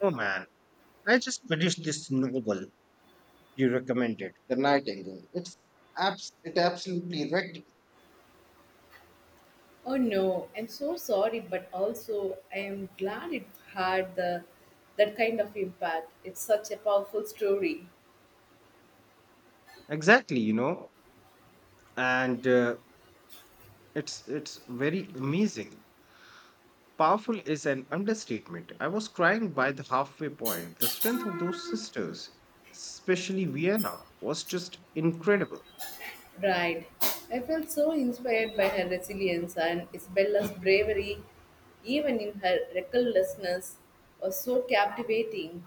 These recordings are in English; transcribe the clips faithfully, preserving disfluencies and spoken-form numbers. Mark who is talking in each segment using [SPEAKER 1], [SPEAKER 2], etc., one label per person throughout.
[SPEAKER 1] Oh man, I just finished this novel you recommended, The Nightingale. It's abs- it absolutely wrecked.
[SPEAKER 2] Oh no, I'm so sorry, but also I am glad it had the that kind of impact. It's such a powerful story.
[SPEAKER 1] Exactly, you know, and uh, it's it's very amazing. Powerful is an understatement. I was crying by the halfway point. The strength of those sisters, especially Vienna, was just incredible.
[SPEAKER 2] Right. I felt so inspired by her resilience and Isabella's bravery, even in her recklessness, was so captivating.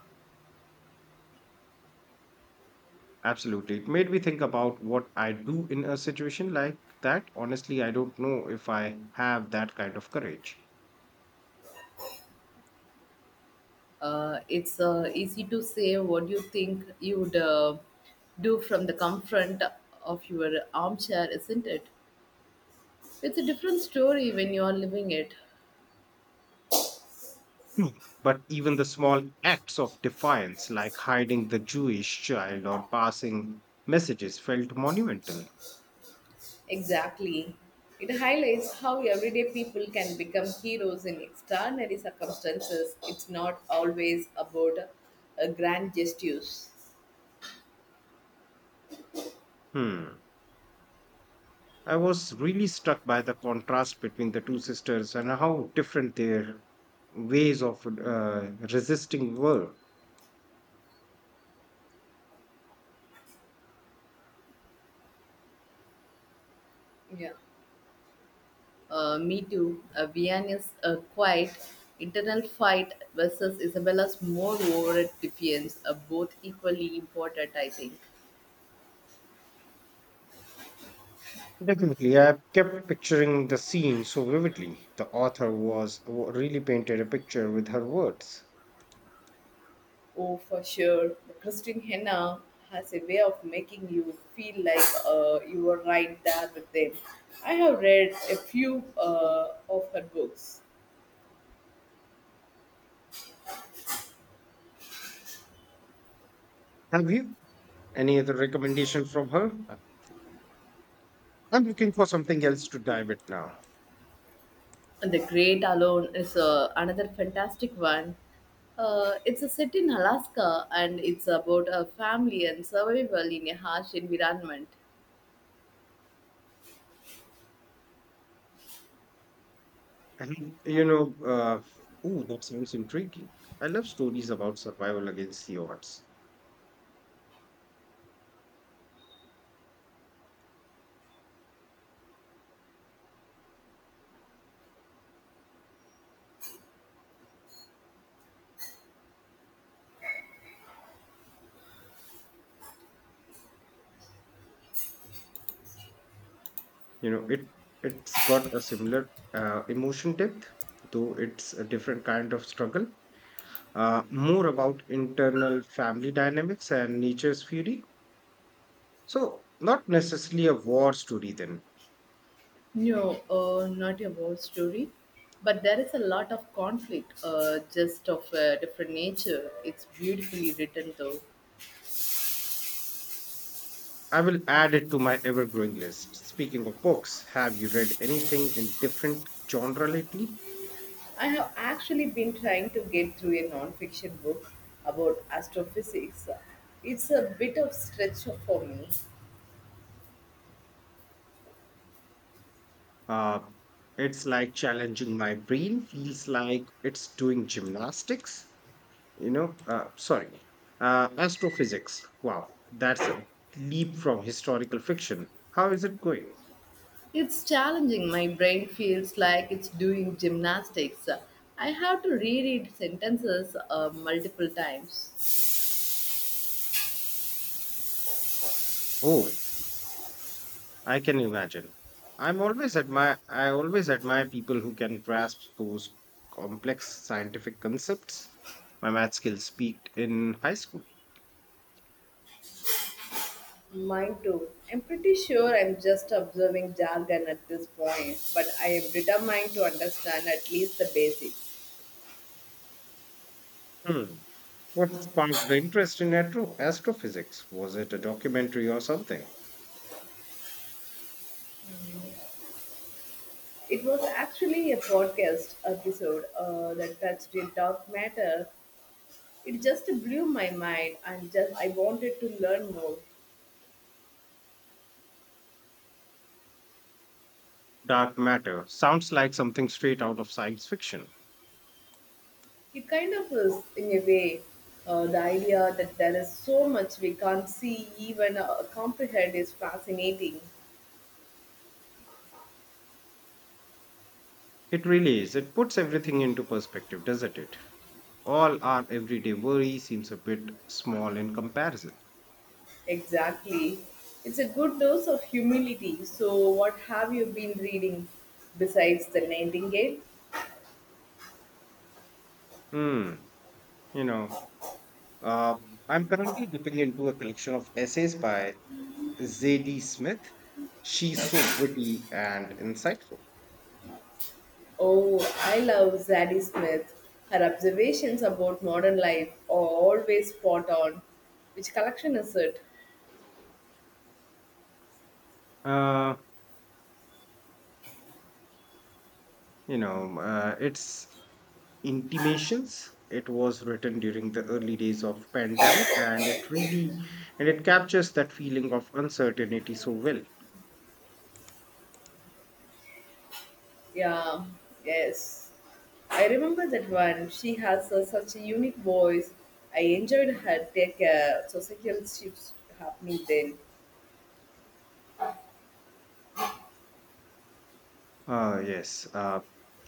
[SPEAKER 1] Absolutely, it made me think about what I do in a situation like that. Honestly, I don't know if I have that kind of courage.
[SPEAKER 2] Uh, it's uh, easy to say what you think you would uh, do from the comfort of your armchair, isn't it? It's a different story when you are living it.
[SPEAKER 1] Hmm. But even the small acts of defiance, like hiding the Jewish child or passing messages, felt monumental.
[SPEAKER 2] Exactly. It highlights how everyday people can become heroes in extraordinary circumstances. It's not always about uh, grand gestures.
[SPEAKER 1] Hmm. I was really struck by the contrast between the two sisters and how different their ways of uh, resisting were.
[SPEAKER 2] Yeah. Uh, me too. Uh, Vianney's uh, quiet internal fight versus Isabella's more overt defiance are both equally important, I think.
[SPEAKER 1] Definitely, I kept picturing the scene so vividly. The author was really painted a picture with her words.
[SPEAKER 2] Oh, for sure. The Christine Henna has a way of making you feel like uh, you were right there with them. I have read a few uh, of her books.
[SPEAKER 1] Have you any other recommendation from her? Uh, I'm looking for something else to dive it now.
[SPEAKER 2] And The Great Alone is uh, another fantastic one. Uh, it's a set in Alaska and it's about a family and survival in a harsh environment.
[SPEAKER 1] And you know, uh, Ooh, that sounds intriguing. I love stories about survival against the odds. you know it it's got a similar uh, emotion depth, though it's a different kind of struggle, uh, more about internal family dynamics and nature's fury. So not necessarily a war story then.
[SPEAKER 2] No, uh, not a war story, but there is a lot of conflict, uh, just of a different nature. It's beautifully written though.
[SPEAKER 1] I will add it to my ever growing list. Speaking of books, have you read anything in different genre lately?
[SPEAKER 2] I have actually been trying to get through a non-fiction book about astrophysics. It's a bit of stretch for me.
[SPEAKER 1] uh, it's like challenging my brain feels like it's doing gymnastics. You know uh, sorry. Uh, astrophysics, wow, that's a leap from historical fiction. How is it going?
[SPEAKER 2] It's challenging. My brain feels like it's doing gymnastics. I have to reread sentences uh, multiple times.
[SPEAKER 1] Oh, I can imagine. I'm always admire i always admire people who can grasp those complex scientific concepts. My math skills peaked in high school.
[SPEAKER 2] Mine too. I'm pretty sure I'm just observing jargon at this point, but I am determined to understand at least the basics.
[SPEAKER 1] Hmm. What sparked the interest in atro- astrophysics? Was it a documentary or something?
[SPEAKER 2] It was actually a podcast episode uh, that touched a dark matter. It just blew my mind and just I wanted to learn more.
[SPEAKER 1] Dark matter sounds like something straight out of science fiction.
[SPEAKER 2] It kind of is, in a way, uh, the idea that there is so much we can't see, even uh, comprehend, is fascinating.
[SPEAKER 1] It really is. It puts everything into perspective, doesn't it? All our everyday worry seems a bit small in comparison.
[SPEAKER 2] Exactly. It's a good dose of humility. So, what have you been reading besides The Nightingale?
[SPEAKER 1] Hmm. You know, uh, I'm currently dipping into a collection of essays by Zadie Smith. She's so witty and insightful.
[SPEAKER 2] Oh, I love Zadie Smith. Her observations about modern life are always spot on. Which collection is it?
[SPEAKER 1] Uh, you know, uh, it's Intimations. It was written during the early days of pandemic and it really and it captures that feeling of uncertainty so well.
[SPEAKER 2] Yeah, yes. I remember that one. She has uh, such a unique voice. I enjoyed her take a social shifts happening then.
[SPEAKER 1] Uh yes. uh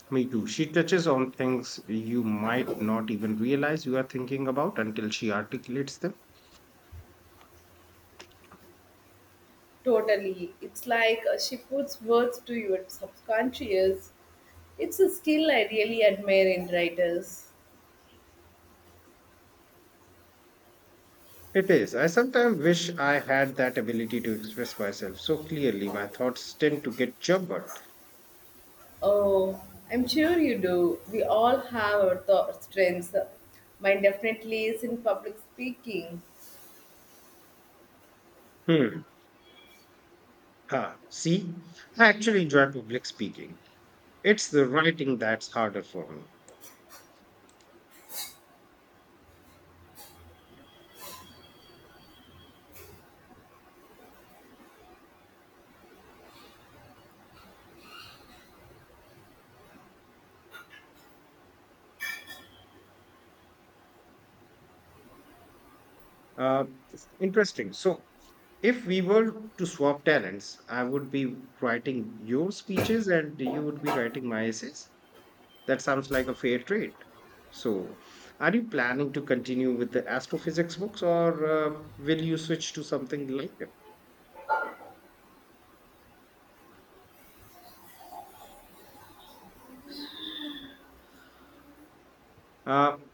[SPEAKER 1] Me too, she touches on things you might not even realize you are thinking about until she articulates them.
[SPEAKER 2] Totally. It's like uh, she puts words to your subconscious. It's a skill I really admire in writers.
[SPEAKER 1] It is. I sometimes wish I had that ability to express myself so clearly. My thoughts tend to get jumbled.
[SPEAKER 2] Oh, I'm sure you do. We all have our th- strengths. Mine definitely is in public speaking.
[SPEAKER 1] Hmm. Ha. See, I actually enjoy public speaking. It's the writing that's harder for me. Uh, Interesting. So, if we were to swap talents, I would be writing your speeches and you would be writing my essays. That sounds like a fair trade. So, are you planning to continue with the astrophysics books, or uh, will you switch to something later? Um,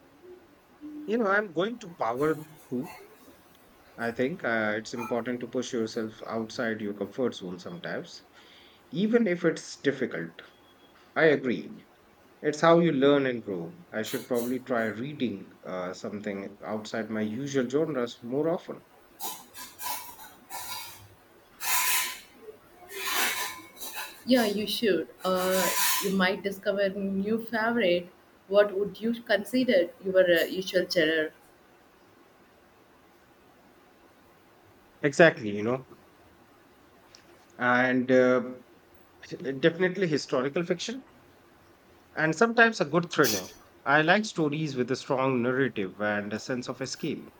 [SPEAKER 1] you know, I'm going to power through. I think uh, it's important to push yourself outside your comfort zone sometimes, even if it's difficult. I agree. It's how you learn and grow. I should probably try reading uh, something outside my usual genres more often.
[SPEAKER 2] Yeah, you should. Uh, you might discover new favorite. What would you consider your uh, usual cheddar?
[SPEAKER 1] Exactly, you know, and uh, definitely historical fiction and sometimes a good thriller. I like stories with a strong narrative and a sense of escape.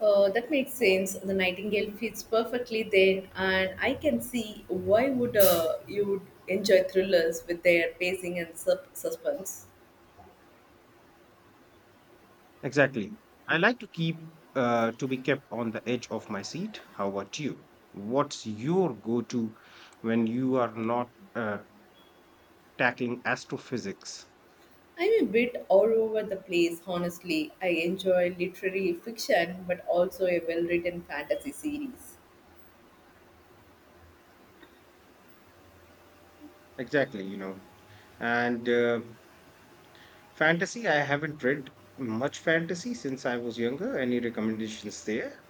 [SPEAKER 2] Uh, that makes sense. The nightingale fits perfectly there, and I can see why would uh, you would enjoy thrillers with their pacing and sub- suspense.
[SPEAKER 1] Exactly. I like to keep uh, to be kept on the edge of my seat. How about you? What's your go-to when you are not uh, tackling astrophysics?
[SPEAKER 2] I'm a bit all over the place, honestly. I enjoy literary fiction, but also a well-written fantasy series.
[SPEAKER 1] Exactly. you know. And uh, Fantasy, I haven't read much fantasy since I was younger. Any recommendations there?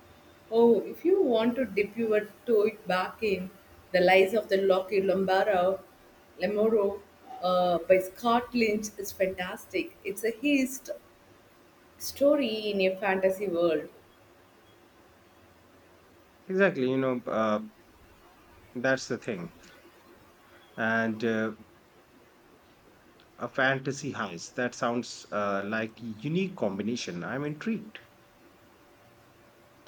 [SPEAKER 2] Oh, if you want to dip your toe back in The Lies of the Locky Lombaro, Lamoro uh, by Scott Lynch is fantastic. It's a hist story in a fantasy world.
[SPEAKER 1] Exactly, you know, uh, that's the thing. And uh, A fantasy heist. That sounds uh, like a unique combination. I'm intrigued.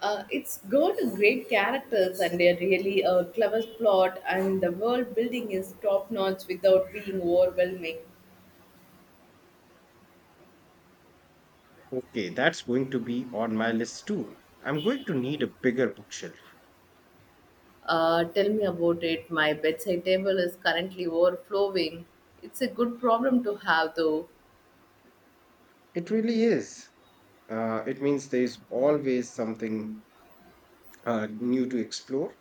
[SPEAKER 2] Uh, it's got a great characters and a really uh, clever plot, and the world building is top notch without being overwhelming.
[SPEAKER 1] Okay, that's going to be on my list too. I'm going to need a bigger bookshelf.
[SPEAKER 2] Uh, tell me about it. My bedside table is currently overflowing. It's a good problem to have, though.
[SPEAKER 1] It really is. Uh, it means there's always something uh, new to explore.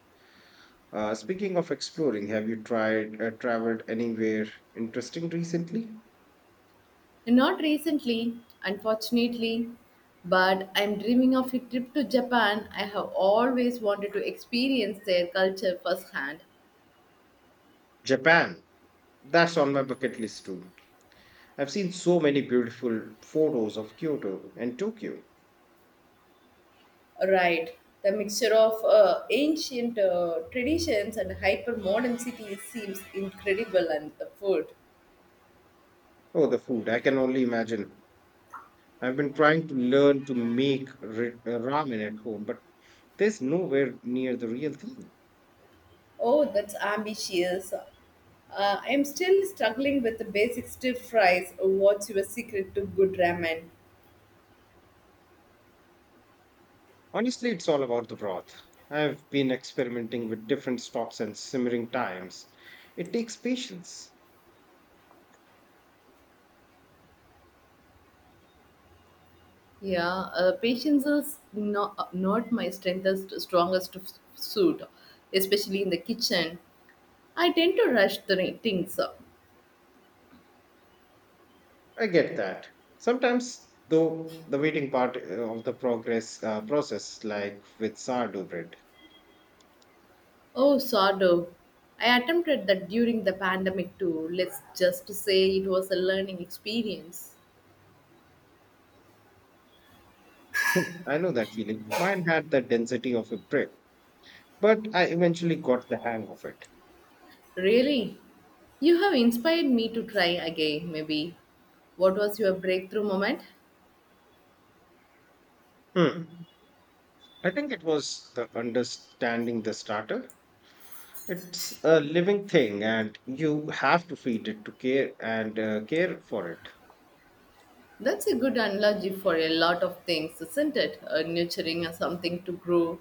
[SPEAKER 1] Uh, speaking of exploring, have you tried uh, traveled anywhere interesting recently?
[SPEAKER 2] Not recently, unfortunately, but I'm dreaming of a trip to Japan. I have always wanted to experience their culture firsthand.
[SPEAKER 1] Japan. That's on my bucket list too. I've seen so many beautiful photos of Kyoto and Tokyo.
[SPEAKER 2] Right. The mixture of uh, ancient uh, traditions and hyper modern cities seems incredible, and the food.
[SPEAKER 1] Oh, the food! I can only imagine. I've been trying to learn to make ri- uh, ramen at home, but there's nowhere near the real thing.
[SPEAKER 2] Oh, that's ambitious. Uh, I'm still struggling with the basic stir fries. What's your secret to good ramen?
[SPEAKER 1] Honestly, it's all about the broth. I've been experimenting with different stops and simmering times. It takes patience.
[SPEAKER 2] Yeah, uh, patience is not, not my strengthest, strongest f- suit, especially in the kitchen. I tend to rush the ri- things.
[SPEAKER 1] I get that. Sometimes, though, the waiting part uh, of the progress uh, process, like with sourdough bread.
[SPEAKER 2] Oh, sourdough. I attempted that during the pandemic too. Let's just say it was a learning experience.
[SPEAKER 1] I know that feeling. Mine had the density of a brick, but I eventually got the hang of it.
[SPEAKER 2] Really? You have inspired me to try again, maybe. What was your breakthrough moment?
[SPEAKER 1] Hmm. I think it was the understanding the starter. It's a living thing, and you have to feed it to care and uh, care for it.
[SPEAKER 2] That's a good analogy for a lot of things, isn't it? Uh, nurturing or something to grow.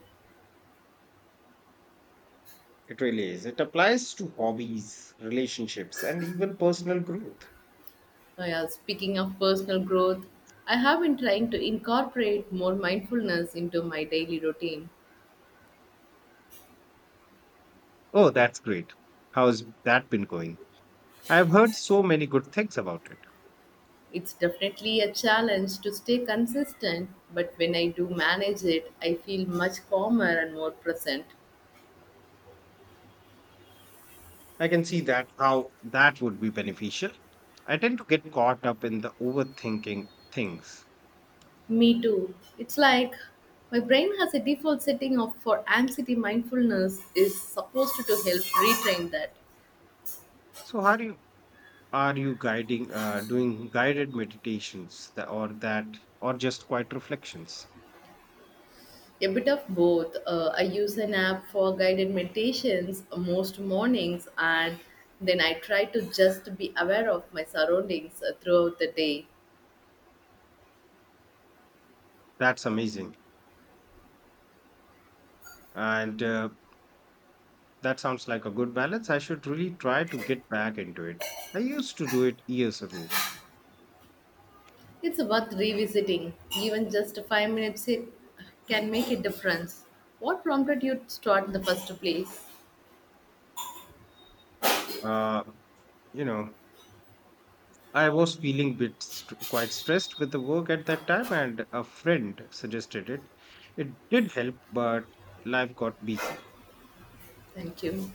[SPEAKER 1] It really is. It applies to hobbies, relationships, and even personal growth.
[SPEAKER 2] Oh yeah, speaking of personal growth, I have been trying to incorporate more mindfulness into my daily routine.
[SPEAKER 1] Oh, that's great. How's that been going? I've heard so many good things about it.
[SPEAKER 2] It's definitely a challenge to stay consistent, but when I do manage it, I feel much calmer and more present.
[SPEAKER 1] I can see that how that would be beneficial. I tend to get caught up in the overthinking things.
[SPEAKER 2] Me too. It's like my brain has a default setting of for anxiety mindfulness is supposed to help retrain that.
[SPEAKER 1] So how do you are you guiding uh, doing guided meditations that, or that or just quiet reflections?
[SPEAKER 2] A bit of both. Uh, I use an app for guided meditations most mornings, and then I try to just be aware of my surroundings uh, throughout the day.
[SPEAKER 1] That's amazing. And uh, That sounds like a good balance. I should really try to get back into it. I used to do it years ago.
[SPEAKER 2] It's worth revisiting. Even just five minutes it can make a difference. What prompted you to start in the first place?
[SPEAKER 1] Uh, you know, I was feeling bit st- quite stressed with the work at that time, and a friend suggested it. It did help, but life got busy.
[SPEAKER 2] Thank you.